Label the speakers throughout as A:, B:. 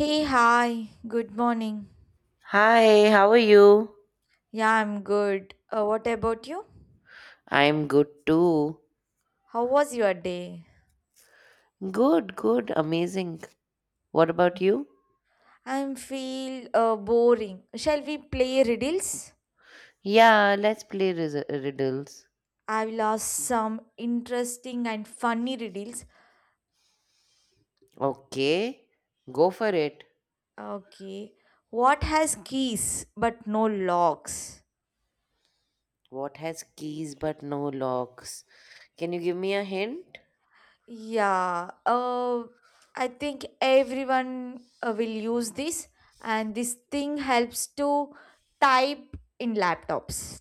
A: Hey, hi, good morning.
B: Hi, how are you?
A: Yeah, I'm good. What about you?
B: I'm good too.
A: How was your day?
B: Good, good, amazing. What about you?
A: I feel boring. Shall we play riddles?
B: Yeah, let's play riddles.
A: I've lost some interesting and funny riddles.
B: Okay, go for it.
A: Okay. What has keys but no locks?
B: What has keys but no locks? Can you give me a hint?
A: Yeah, I think everyone will use this, and this thing helps to type in laptops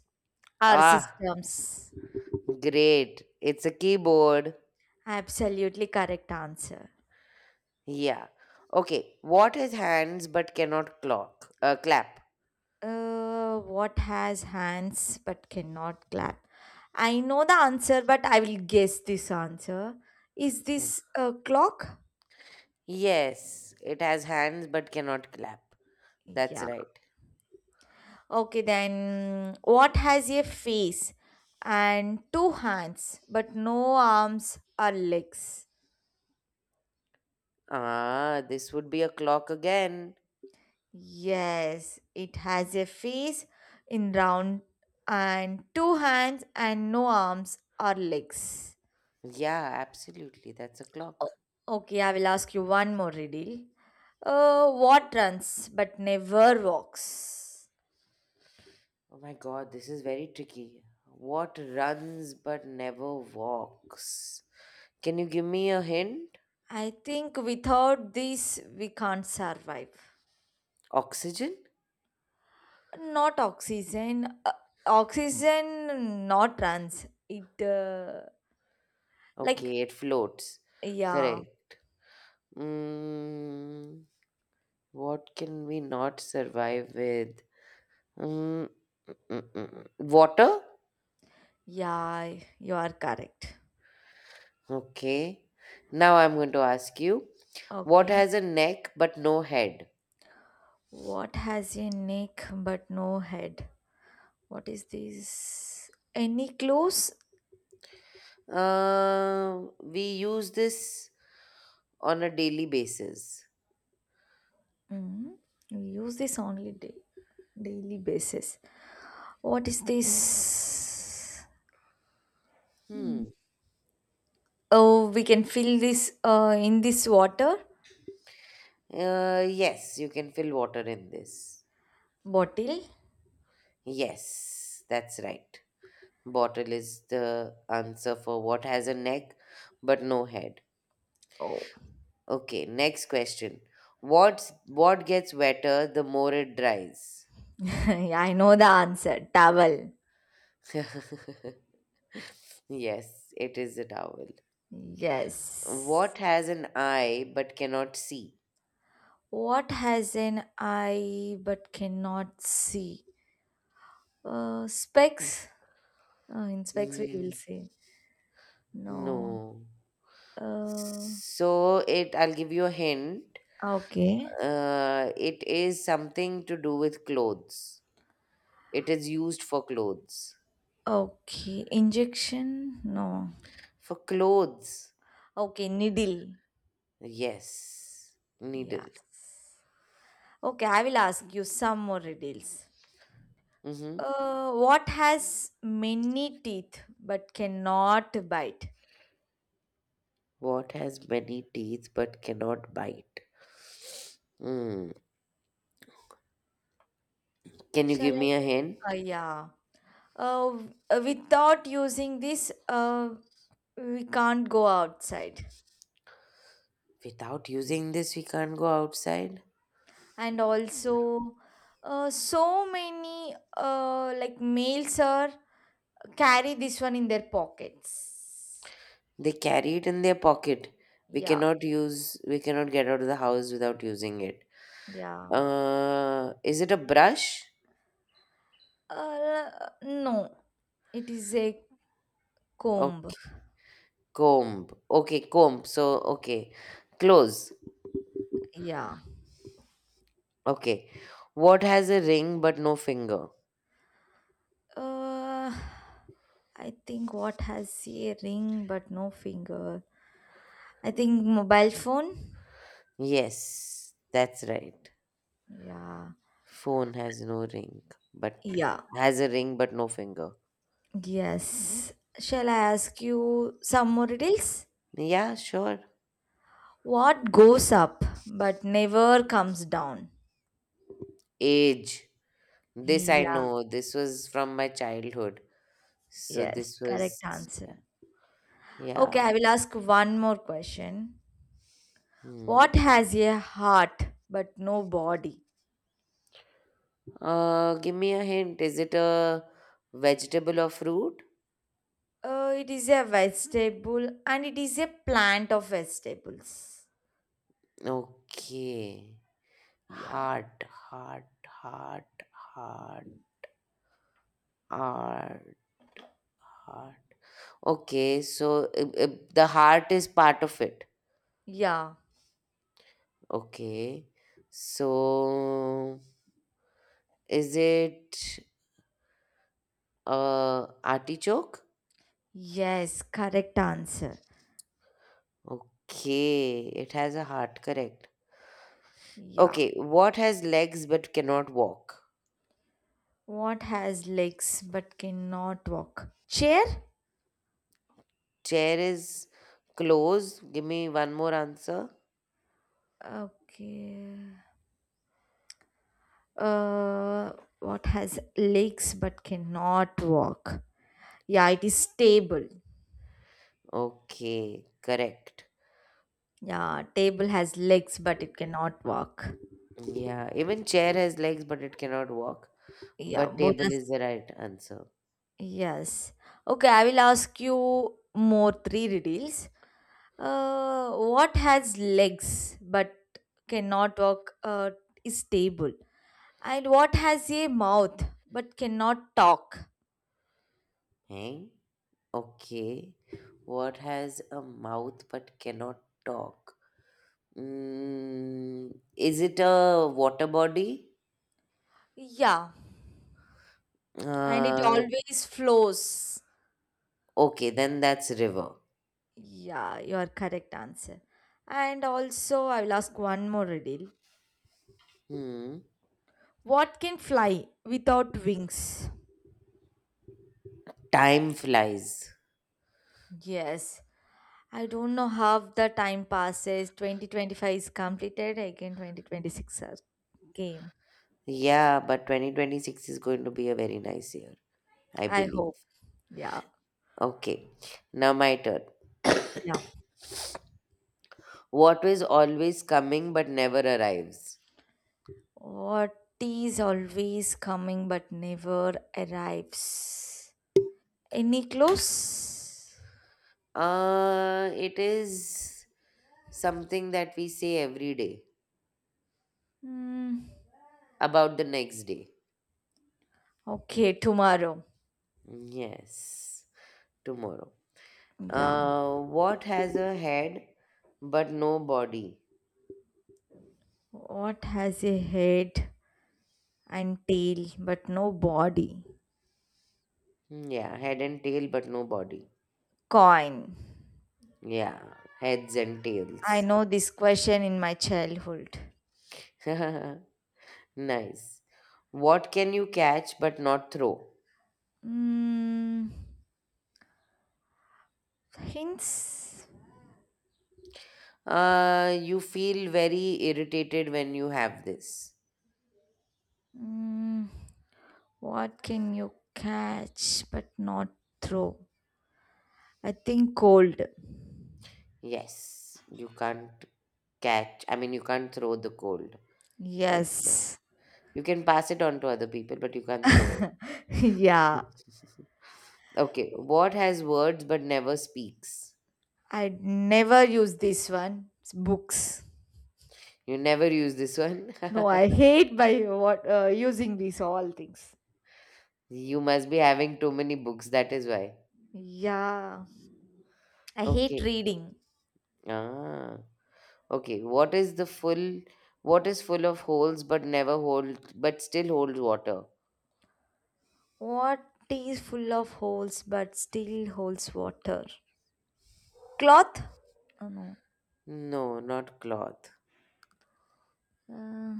A: or
B: Ah,
A: systems.
B: great. It's a keyboard.
A: Absolutely correct answer.
B: Yeah. Okay, what has hands but cannot clock? Clap.
A: What has hands but cannot clap? I know the answer, but I will guess this answer. Is this a clock?
B: Yes, it has hands but cannot clap. That's
A: Yeah.
B: right.
A: Okay, then what has a face and two hands but no arms or legs?
B: Ah, this would be a clock again.
A: Yes, it has a face in round and two hands and no arms or legs.
B: Yeah, absolutely. That's a
A: O-
B: clock.
A: Okay, I will ask you one more riddle. What runs but never walks?
B: Oh my god, this is very tricky. What runs but never walks? Can you give me a hint?
A: I think without this we can't survive.
B: Oxygen?
A: Not oxygen. Oxygen not runs. It like,
B: Okay, it floats.
A: yeah,
B: Correct. Mm, what can we not survive with? Mm, mm, mm. Water?
A: yeah, you are correct.
B: Okay. Now I'm going to ask you what
A: Okay.
B: has a neck but no head?
A: What has a neck but no head? What is this? Any clues?
B: We use this on a daily basis.
A: Mm, you use this only day, daily basis. What is this? Mm.
B: Hmm.
A: Oh, we can fill this in this water
B: Yes, you can fill water in this.
A: bottle.
B: Yes, that's right. Bottle is the answer for what has a neck but no head.
A: Oh,
B: Okay, next question. What gets wetter the more it dries?
A: I know the answer. Towel.
B: Yes, it is a towel.
A: Yes.
B: What has an eye but cannot see?
A: What has an eye but cannot see? Specs. In specs we
B: Hmm,
A: will see. No.
B: no.
A: Uh,
B: So it I'll give you a hint.
A: okay.
B: It is something to do with clothes. It is used for clothes.
A: Okay. Injection. No.
B: For clothes.
A: Okay, needle.
B: Yes. Needle.
A: Yes. Okay, I will ask you some more riddles.
B: Mm-hmm.
A: What has many teeth but cannot bite?
B: What has many teeth but cannot bite? Mm. Can you
A: Shall
B: give
A: I
B: me a hint?
A: give? Yeah. Without using this, we can't go outside.
B: Without using this, we can't go outside.
A: And also, so many like males are carry this one in their pockets.
B: They carry it in their pocket. We
A: Yeah,
B: cannot use. We cannot get out of the house without using it.
A: yeah.
B: Is it a brush?
A: Uh, no, it is a comb.
B: Okay. Comb. Okay, comb. So, okay. Close.
A: Yeah.
B: Okay. What has a ring but no finger?
A: Uh, I think what has a ring but no finger. I think mobile phone.
B: Yes, that's right.
A: Yeah.
B: Phone has no ring, but
A: Yeah.
B: has a ring but no finger.
A: Yes. Shall I ask you some more details?
B: Yeah, sure.
A: What goes up but never comes down?
B: Age. This I
A: Yeah.
B: know. This was from my childhood. So
A: Yes.
B: this was,
A: Correct
B: yeah.
A: answer. Okay,
B: Yeah.
A: I will ask one more question.
B: Hmm.
A: What has a heart but no body?
B: Give me a hint. Is it a vegetable or fruit?
A: It is a vegetable and it is a plant of vegetables.
B: Okay.
A: Yeah.
B: Heart, heart, heart, heart, heart, heart. Okay, so the heart is part of it.
A: Yeah.
B: Okay, so is it artichoke?
A: Yes, correct answer.
B: Okay, it has a heart, correct.
A: Yeah.
B: Okay, what has legs but cannot walk?
A: What has legs but cannot walk? Chair?
B: Chair is close. Give me one more answer.
A: Okay. Uh, what has legs but cannot walk? Yeah, it is table.
B: Okay, correct.
A: Yeah, table has legs but it cannot walk.
B: Yeah, even chair has legs but it cannot walk.
A: Yeah,
B: But
A: both
B: table is
A: us.
B: the right answer.
A: Yes. Okay, I will ask you more three riddles. What has legs but cannot walk is stable, and what has a mouth but cannot talk.
B: Hang? Okay. What has a mouth but cannot talk? Is it a water body?
A: Yeah, and it
B: Uh,
A: always flows.
B: okay, then that's river.
A: Yeah, your correct answer. And also, I will ask one more riddle.
B: Hmm.
A: What can fly without wings?
B: Time flies.
A: Yes. I don't know how the time passes. 2025 is completed. Again, 2026 are game.
B: Yeah, but 2026 is going to be a very nice year, I
A: I
B: believe.
A: hope. Yeah.
B: Okay, now my turn.
A: Yeah.
B: What is always coming but never arrives?
A: What is always coming but never arrives? Any close?
B: It is. Something that we say every day
A: Hmm.
B: about the next day.
A: Okay, tomorrow.
B: Yes, tomorrow.
A: Yeah.
B: What has a head but no body?
A: What has a head and tail but no body?
B: Yeah, head and tail but no body.
A: Coin.
B: Yeah, heads and
A: I
B: tails.
A: know this question in my childhood.
B: Nice. What can you catch but not throw?
A: Hmm. Hints?
B: You feel very irritated when you have this.
A: Hmm. What can you catch but not throw? I think cold.
B: Yes, you can't catch. I mean, you can't throw the cold. That's it.
A: Yes.
B: You can pass it on to other people, but you can't throw
A: yeah,
B: it. Okay. What has words but never speaks?
A: I never use this one. It's books.
B: You never use this one.
A: No, I hate by what using these all things.
B: You must be having too many books. That is why.
A: Yeah, I hate
B: Okay.
A: reading.
B: Ah. Okay. What is the full? What is full of holes but never hold but still holds water?
A: What is full of holes but still holds water? Cloth? Oh, no.
B: No, not cloth.
A: Uh,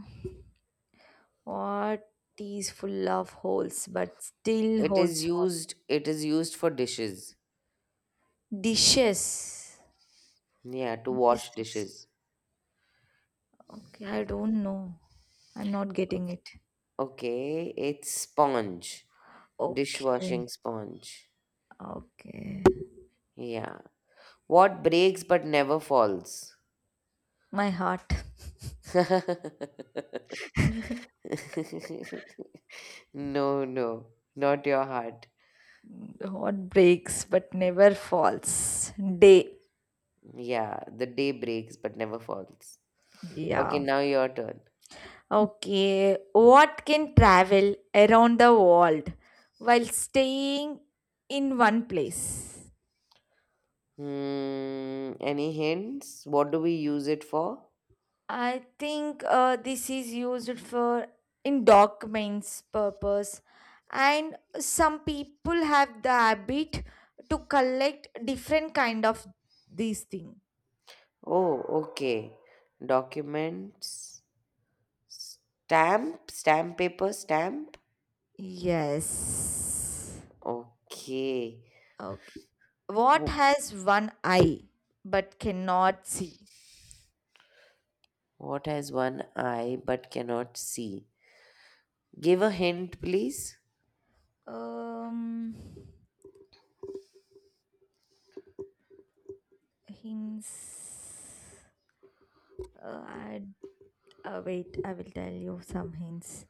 A: what is full of holes but still
B: It is
A: holds water?
B: used. It is used for dishes.
A: Dishes.
B: Yeah, to
A: What is
B: wash
A: this?
B: dishes.
A: Okay, I don't know. I'm not getting it.
B: Okay, it's sponge,
A: Okay.
B: dishwashing sponge.
A: Okay.
B: Yeah. What breaks but never falls?
A: My heart.
B: No, no, not your heart.
A: The heart breaks but never falls. Day.
B: Yeah, the day breaks but never falls. Okay,
A: Yeah.
B: now your turn.
A: Okay. What can travel around the world while staying in one place?
B: Any hints? What do we use it for?
A: I think this is used for in documents purpose and some people have the habit to collect different kind of these thing.
B: Oh, okay. Documents. Stamp, stamp paper, stamp.
A: Yes.
B: Okay.
A: Okay. What
B: Wh-
A: has one eye but cannot see?
B: What has one eye but cannot see? Give a hint, please.
A: Um, hints. Uh, I, wait, I will tell you some hints.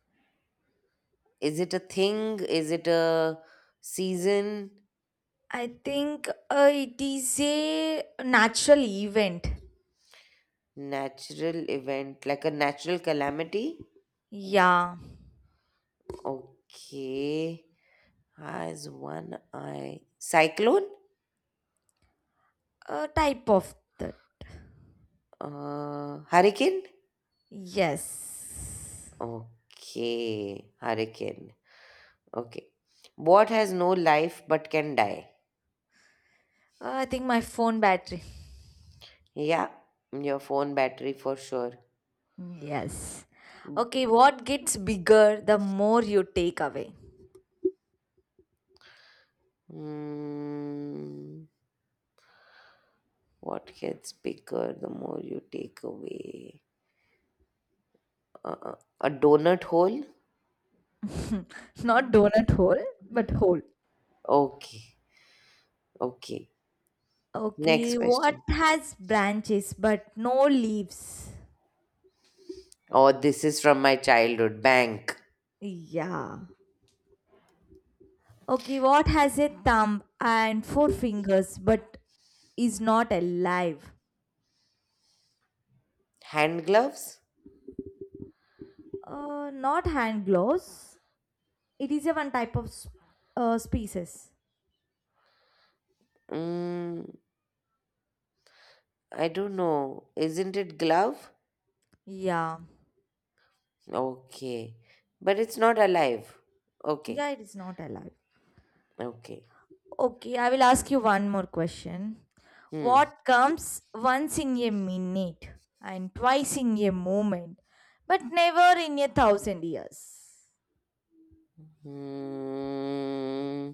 B: Is it a thing? Is it a season?
A: I think it is a natural event.
B: Natural event, like a natural calamity?
A: Yeah,
B: Okay. Has one eye. Cyclone?
A: a type of that.
B: Hurricane?
A: Yes.
B: Okay. Hurricane. Okay. What has no life but can die?
A: I think my phone battery.
B: Yeah, your phone battery for sure.
A: Yes. Okay, what gets bigger the more you take away?
B: Hmm. What gets bigger the more you take away? Uh, a donut hole?
A: Not donut hole, but hole.
B: Okay, okay. Next
A: Okay, what
B: question.
A: has branches but no leaves?
B: Oh, this is from my childhood. Bank.
A: Yeah. Okay, what has a thumb and four fingers but is not alive?
B: Hand gloves?
A: Not hand gloves. It is a one type of species.
B: Mm, I don't know. Isn't it glove?
A: Yeah.
B: Okay. But it's not alive. Okay,
A: Yeah, it is not alive.
B: okay.
A: Okay, I will ask you one more question.
B: Hmm.
A: What comes once in a minute and twice in a moment but never in a thousand years?
B: Hmm.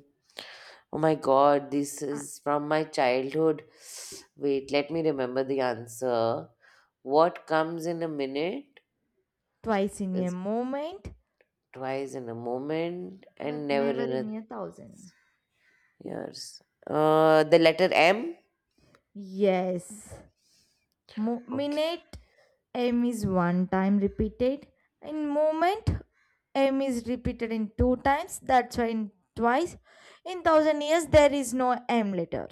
B: Oh my God, this is from my childhood. Wait, let me remember the answer. What comes in a minute
A: Twice in a
B: is
A: moment,
B: twice in a moment and
A: but
B: never
A: never
B: in a
A: in a thousand.
B: years. The letter M.
A: Yes. Mo-
B: Okay.
A: minute m is one time repeated. In moment m is repeated in two times. That's why in twice. In thousand years there is no m letter.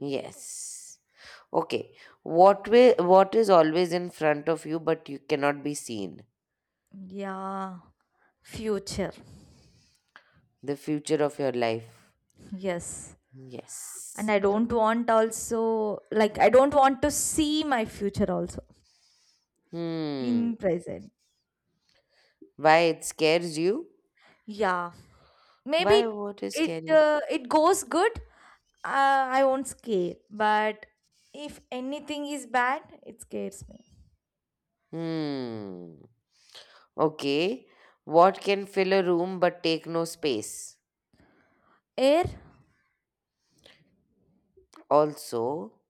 B: Yes. Okay. What is always in front of you but you cannot be seen?
A: Yeah. Future.
B: The future of your life.
A: Yes. And
B: Yes.
A: I don't want also like I don't want to see my future also
B: Hmm.
A: in present.
B: Why it scares you?
A: Yeah. Maybe
B: Why water is
A: it
B: scary?
A: uh, it goes good. I won't scare, but if anything is bad, it scares me.
B: Hmm. Okay. What can fill a room but take no space?
A: Air.
B: Also,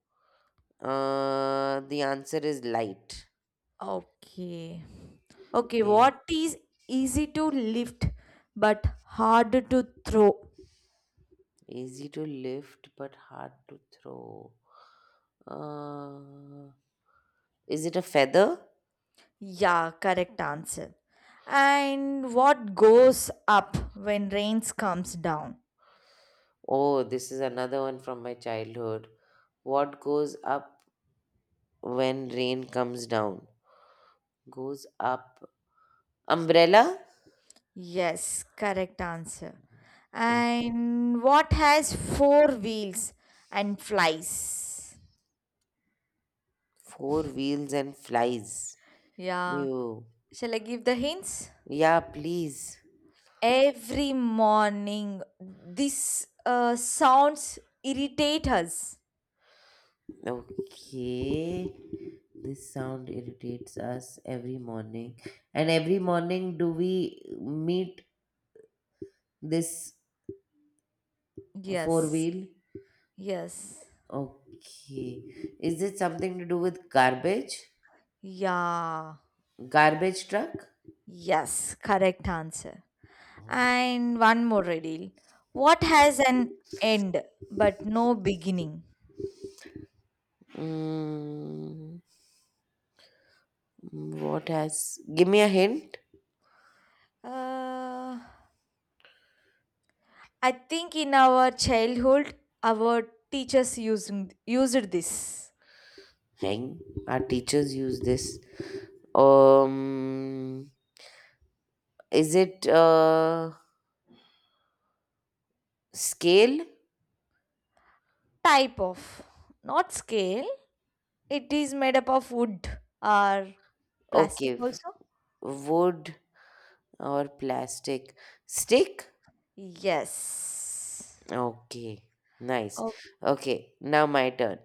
B: the answer is light.
A: Okay. Okay,
B: Yeah.
A: what is easy to lift but harder to throw?
B: Easy to lift but hard to throw. Uh, is it a feather?
A: Yeah, correct answer. And what goes up when rains comes down?
B: Oh, this is another one from my childhood. What goes up when rain comes down? Goes up. Umbrella?
A: Yes, correct answer. And what has four wheels and flies?
B: Four wheels and flies.
A: Yeah.
B: You,
A: Shall I give the hints?
B: yeah, please.
A: Every morning, this sounds irritate us.
B: Okay. This sound irritates us every morning. And every morning, do we meet this four
A: Yes.
B: wheel?
A: Yes.
B: Okay. Is it something to do with garbage?
A: Yeah.
B: Garbage truck?
A: Yes, correct answer. And one more riddle. What has an end but no beginning?
B: Mm, what has. Give me a hint.
A: Uh, I think in our childhood, our teachers used this
B: Hang. Our teachers use this. Um, is it scale?
A: type of, not scale, it is made up of wood or plastic
B: Okay,
A: also.
B: wood or plastic? Stick?
A: Yes.
B: Okay, nice.
A: Oh,
B: Okay, now my turn.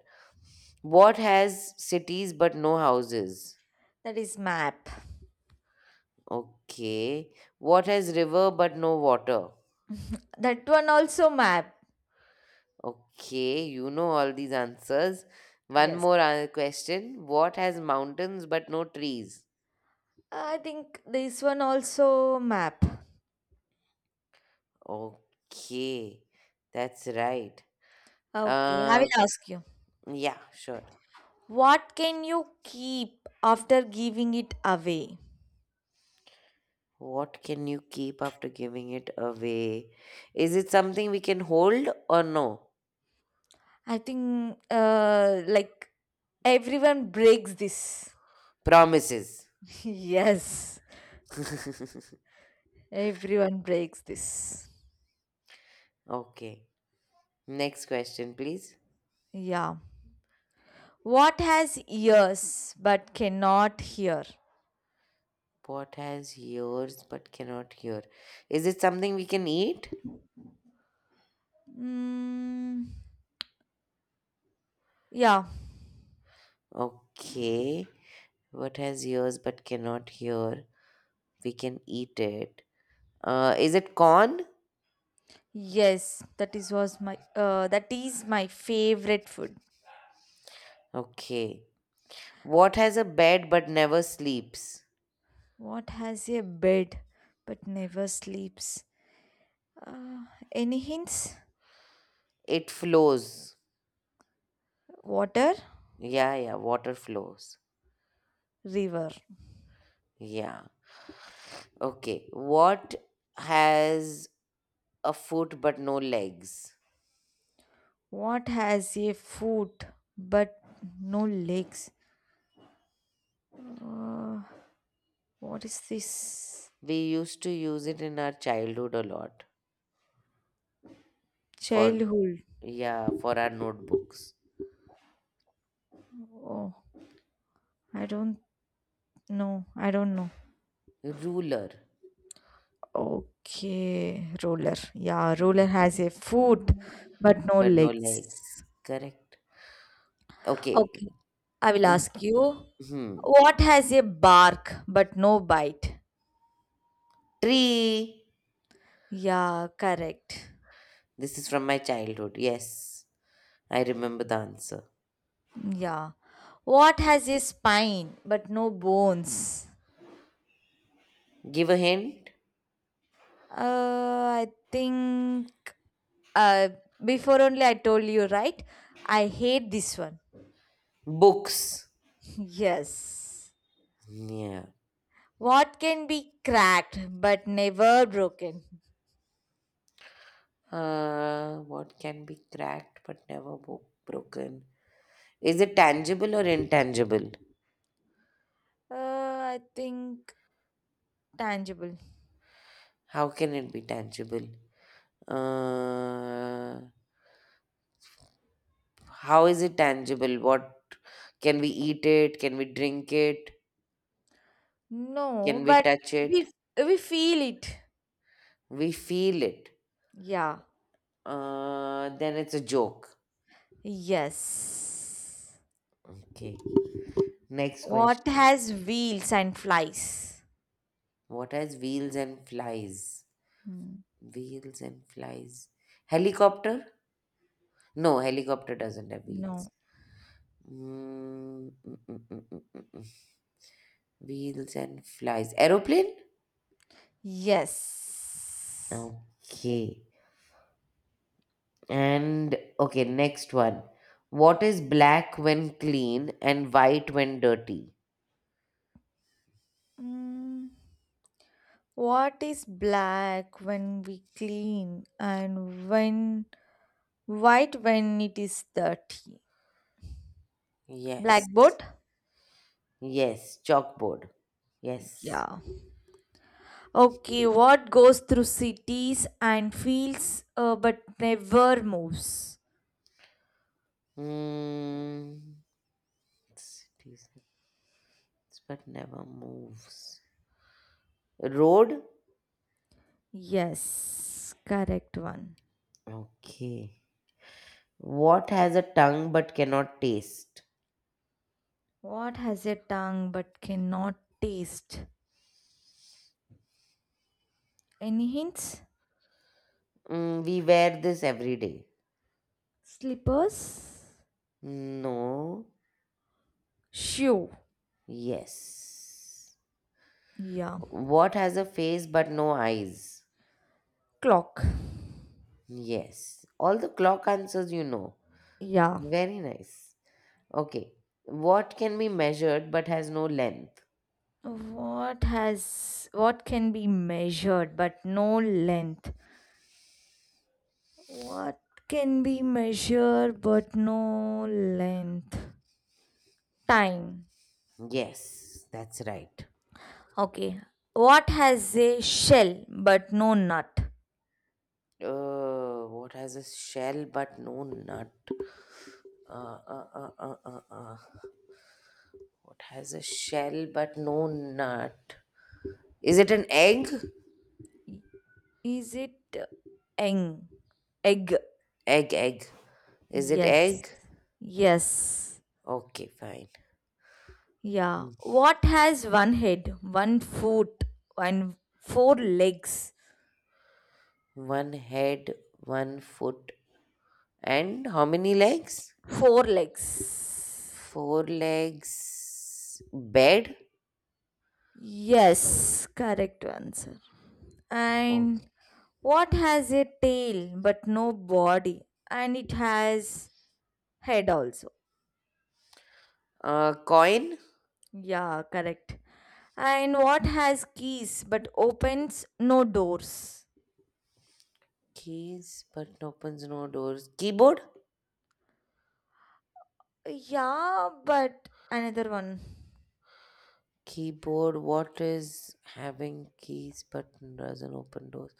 B: What has cities but no houses?
A: that is map.
B: Okay. What has river but no water?
A: That one also map.
B: Okay, you know all these answers. One
A: Yes.
B: more question. What has mountains but no trees?
A: I think this one also map.
B: Okay, that's right.
A: Okay, I will
B: Uh,
A: ask you.
B: yeah, sure.
A: What can you keep after giving it away?
B: What can you keep after giving it away? Is it something we can hold or no?
A: I think like everyone breaks this.
B: Promises.
A: yes. Everyone breaks this.
B: Okay. Next question, please.
A: Yeah. What has ears but cannot hear?
B: What has ears but cannot hear? Is it something we can eat?
A: Mm, yeah.
B: Okay. What has ears but cannot hear? We can eat it. Is it corn?
A: Yes, that is was my that is my favorite food.
B: Okay. What has a bed but never sleeps?
A: What has a bed but never sleeps? Uh, any hints?
B: It flows.
A: Water,
B: Yeah, yeah. Water flows.
A: river.
B: Yeah. Okay, what has a foot but no legs?
A: What has a foot but no legs? Uh, what is this?
B: We used to use it in our childhood a lot for,
A: Childhood.
B: yeah, for our notebooks.
A: Oh, I don't know. I don't know.
B: Ruler,
A: Okay, roller. Yeah,
B: yeah,
A: roller has a foot but no
B: but no
A: legs.
B: legs. Correct. Okay.
A: Okay, I will ask you.
B: Hmm.
A: What has a bark but no bite?
B: Tree.
A: Yeah, correct.
B: This is from my childhood. Yes, I remember the answer.
A: Yeah. What has a spine but no bones?
B: Give a hint.
A: Uh, I think uh, before only I told you, right? I hate this one.
B: Books.
A: yes.
B: Yeah.
A: What can be cracked but never broken?
B: What can be cracked but never broken? Is it tangible or intangible?
A: Uh, I think tangible.
B: How can it be tangible? Uh, how is it tangible? What can we eat it? Can we drink it?
A: No,
B: Can we
A: but
B: touch it?
A: we we feel it.
B: We feel it.
A: Yeah.
B: Then it's a joke.
A: Yes.
B: Okay. Next
A: What
B: question.
A: has wheels and flies?
B: What has wheels and flies?
A: Hmm.
B: Wheels and flies. Helicopter? No, helicopter doesn't have wheels.
A: No.
B: Mm, mm, mm, mm, mm, mm, mm. Wheels and flies. Aeroplane?
A: Yes.
B: Okay. And okay, next one. What is black when clean and white when dirty?
A: Mm. What is black when we clean and when white when it is dirty?
B: Yes.
A: Blackboard?
B: Yes, chalkboard. Yes.
A: Yeah. Okay, what goes through cities and fields but never moves?
B: Hmm. It's decent, but never moves. Road?
A: Yes, correct one.
B: Okay. What has a tongue but cannot taste?
A: What has a tongue but cannot taste? Any hints?
B: We wear this every day.
A: Slippers?
B: No.
A: Shoe.
B: Yes.
A: Yeah.
B: What has a face but no eyes?
A: Clock.
B: Yes, all the clock answers you know.
A: Yeah.
B: Very nice. Okay, what can be measured but has no length?
A: What can be measured but no length? What can be measured but no length? Time.
B: Yes, that's right.
A: Okay. What has a shell but no nut?
B: What has a shell but no nut? Uh, uh, uh, uh, uh, uh. What has a shell but no nut? Is it an egg?
A: Is it egg? Egg.
B: Egg, egg. Is it
A: Yes.
B: egg?
A: Yes.
B: Okay, fine.
A: Yeah.
B: Mm.
A: What has one head, one foot, and four legs?
B: One head, one foot, and how many legs?
A: Four legs.
B: Four legs. Bed.
A: Yes, correct answer.
B: Okay.
A: And what has a tail but no body? And it has head also.
B: Coin.
A: Yeah, correct. And what has keys but opens no doors?
B: Keys, button opens no doors. Keyboard.
A: Yeah, but another one.
B: Keyboard. What is having keys, button doesn't open doors?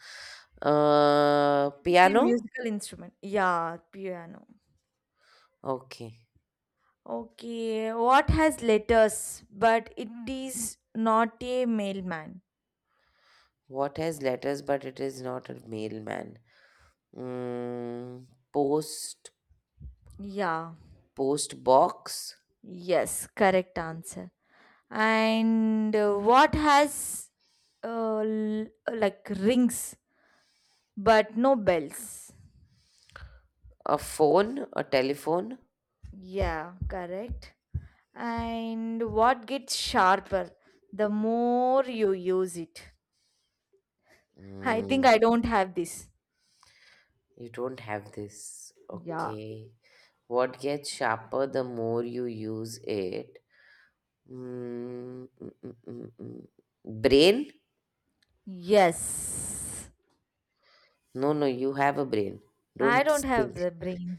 A: It is a
B: Piano.
A: musical instrument. Yeah, piano.
B: Okay.
A: Okay, what has letters but it is not a mailman?
B: What has letters, but it is not a mailman? Mm, Post.
A: Yeah,
B: Post box.
A: yes, correct answer. And what has uh, l- like rings but no bells.
B: A phone. A telephone.
A: Yeah, correct. And what gets sharper the more you use it? I think
B: Mm,
A: I don't have this.
B: you don't have this.
A: Yeah.
B: Okay. What gets sharper the more you use it? Mm. Brain?
A: Yes,
B: No, no, you have a brain.
A: I
B: Don't
A: don't have
B: think.
A: the brain.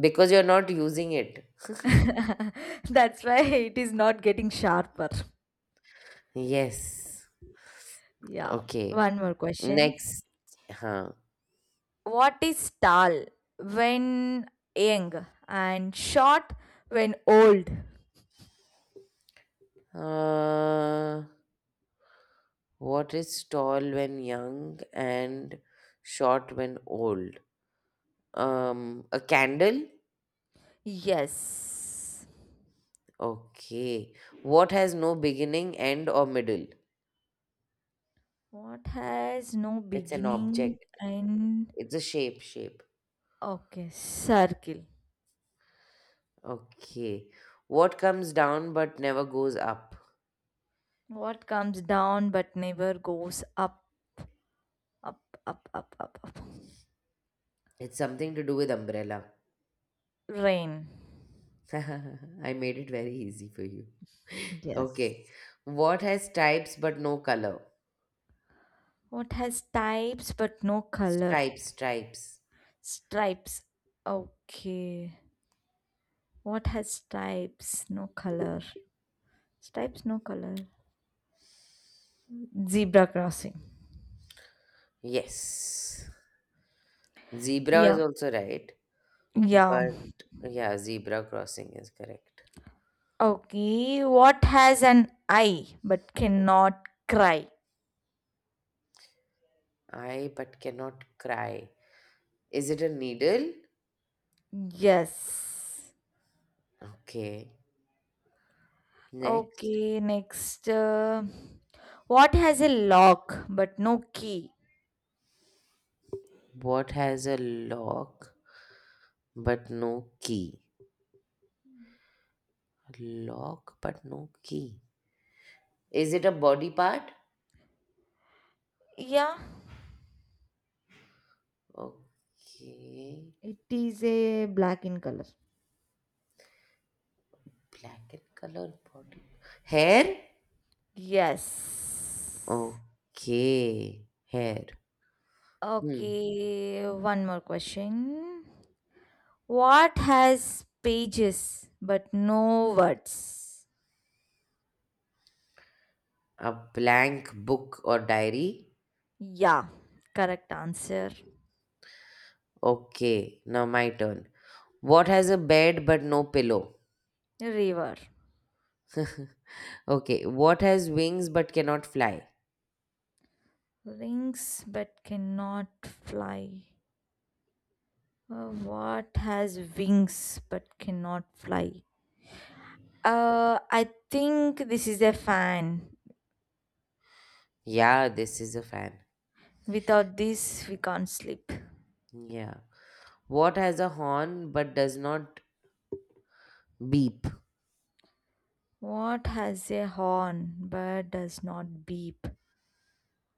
B: Because you're not using it.
A: that's why it is not getting sharper.
B: Yes.
A: Yeah,
B: Okay.
A: one more question.
B: Next. Huh.
A: What is tall when young and short when old?
B: Uh, what is tall when young and short when old? A candle?
A: Yes.
B: Okay. What has no beginning, end, or middle?
A: What has no
B: It's an
A: beginning,
B: object.
A: and
B: It's a shape, shape.
A: okay, circle.
B: Okay. What comes down but never goes up?
A: What comes down but never goes up, up, up, up, up, up.
B: It's something to do with umbrella.
A: Rain.
B: I made it very easy for you.
A: Yes.
B: Okay. What has stripes but no color?
A: What has types but no color?
B: Stripes, stripes.
A: Stripes. Okay. What has stripes, no color? Stripes, no color. Zebra crossing.
B: Yes. Zebra is
A: Yeah.
B: also right.
A: Yeah.
B: But yeah, zebra crossing is correct.
A: Okay. What has an eye but cannot cry?
B: I but cannot cry. Is it a needle?
A: Yes.
B: Okay. Next.
A: Okay. Next. What has a lock but no key?
B: What has a lock but no key? Lock but no key. Is it a body part?
A: Yeah.
B: Okay.
A: It is a black in color.
B: Black and colored body. Hair?
A: Yes.
B: Okay. Hair. Hmm.
A: Okay, one more question. What has pages but no words?
B: A blank book or diary?
A: Yeah, correct answer.
B: Okay. Now my turn. What has a bed but no pillow?
A: River.
B: Okay. What has wings but cannot fly?
A: Rings but cannot fly. What has wings but cannot fly? I think this is a fan.
B: Yeah, this is a fan.
A: Without this, we can't sleep.
B: Yeah. What has a horn but does not beep?
A: What has a horn but does not beep?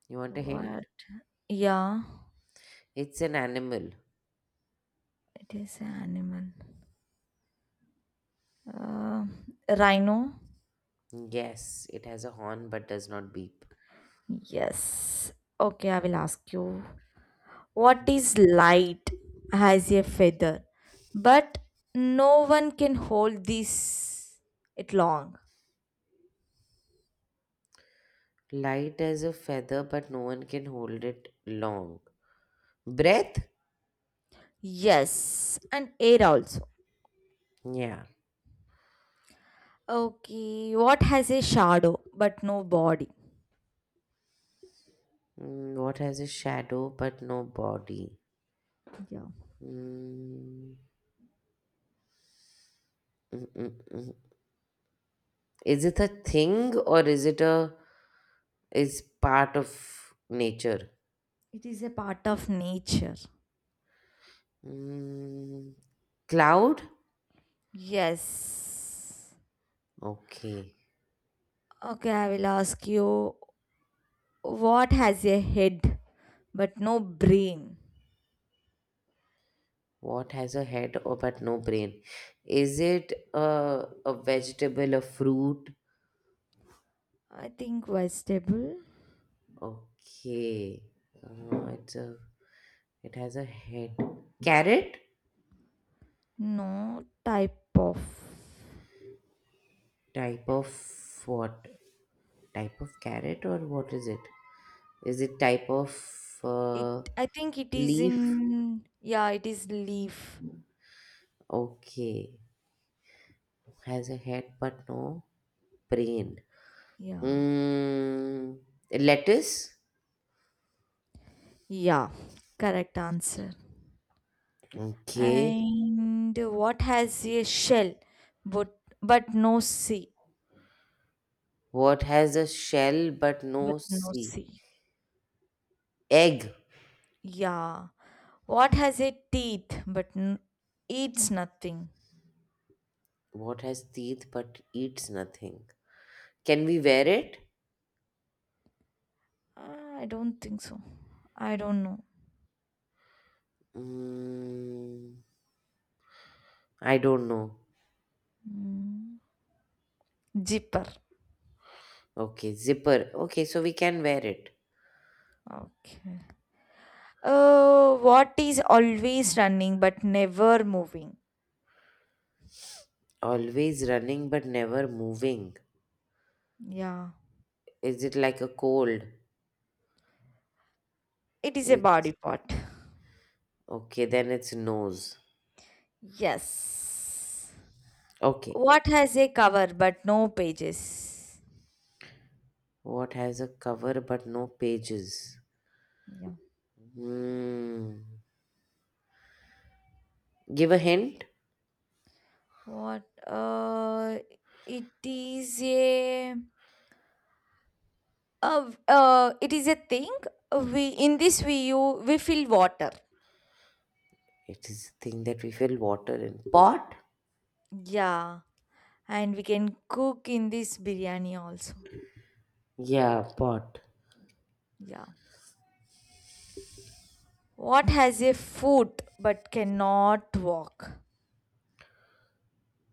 B: You want a
A: What?
B: hint?
A: Yeah,
B: It's an animal.
A: it is an animal. Uh, rhino?
B: Yes, it has a horn but does not beep.
A: Yes. Okay, I will ask you. What is light as a feather, but no one can hold this it long.
B: Light as a feather but no one can hold it long. Breath?
A: Yes, and air also.
B: Yeah.
A: Okay, what has a shadow but no body?
B: What has a shadow but no body?
A: Yeah,
B: Mm, mm. Is it a thing or is it a is part of nature?
A: it is a part of nature.
B: Mm, Cloud?
A: Yes.
B: Okay.
A: Okay, I will ask you, what has a head but no brain?
B: What has a head or but no brain? Is it a vegetable, a fruit?
A: I think vegetable.
B: Okay. Uh, it's a, it has a head. Carrot?
A: No type of.
B: Type of what? Type of carrot or what is it? Is it type of
A: It
B: uh,
A: I think it is
B: leaf?
A: in, yeah, it is leaf.
B: Okay. Has a head but no brain.
A: Yeah.
B: Mm, Lettuce?
A: Yeah. Correct answer.
B: Okay.
A: And what has a shell but no sea?
B: What has a shell but
A: But
B: no
A: no
B: sea?
A: sea.
B: Egg.
A: Yeah. What has a teeth but eats nothing?
B: What has teeth but eats nothing? Can we wear it?
A: I don't think so. I don't know.
B: Mm, I don't know.
A: Mm. Zipper.
B: Okay, zipper. Okay, so we can wear it.
A: Okay. What is always running but never moving?
B: Always running but never moving.
A: Yeah.
B: Is it like a cold?
A: It is a body
B: It's
A: part.
B: okay, then it's nose.
A: Yes.
B: Okay,
A: What has a cover but no pages?
B: what has a cover but no pages?
A: Yeah.
B: Hmm. Give a hint.
A: What? It is a. It is a thing. We in this we you we fill water.
B: It is a thing that we fill water in. Pot?
A: Yeah, and we can cook in this biryani also.
B: Yeah, pot.
A: Yeah. What has a foot but cannot walk?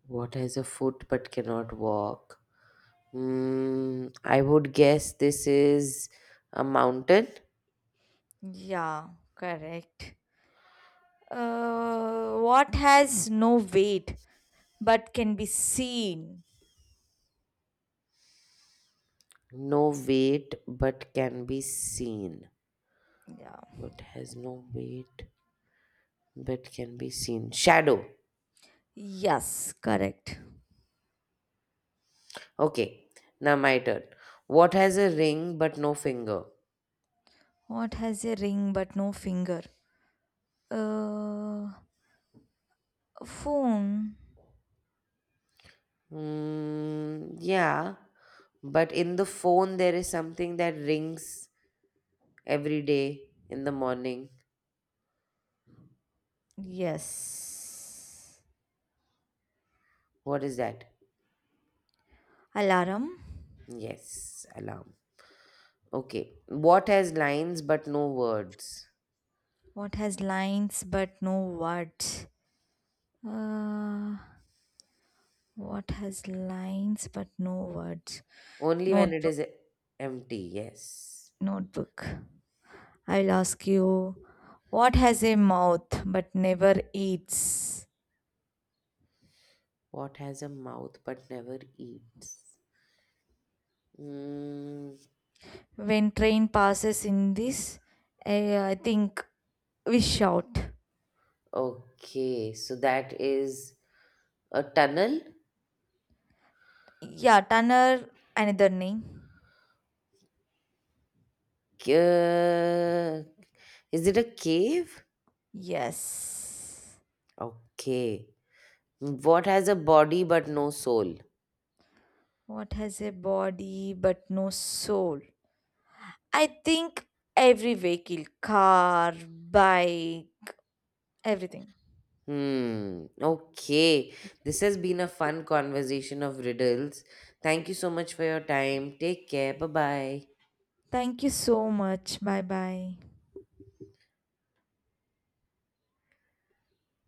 B: What has a foot but cannot walk? Hmm. I would guess this is a mountain.
A: Yeah, correct. What has no weight but can be seen.
B: No weight but can be seen.
A: Yeah.
B: What has no weight but can be seen? Shadow.
A: Yes, correct.
B: Okay, now my turn. What has a ring but no finger?
A: What has a ring but no finger? Uh, phone.
B: Yeah, but in the phone there is something that rings every day in the morning.
A: Yes.
B: What is that?
A: Alarm.
B: Yes, alarm. Okay. What has lines but no words?
A: What has lines but no words? Uh, what has lines but no words?
B: Only when it
A: Notebook.
B: is empty, yes.
A: Notebook. I'll ask you. What has a mouth but never eats?
B: What has a mouth but never eats? Mm,
A: When train passes in this, I think we shout.
B: okay, so that is a tunnel?
A: Yeah, tanner another name.
B: Uh, is it a cave?
A: Yes.
B: Okay. What has a body but no soul?
A: What has a body but no soul? I think every vehicle, car, bike, everything.
B: Hmm. Okay. This has been a fun conversation of riddles. Thank you so much for your time. Take care. Bye bye.
A: Thank you so much, bye bye.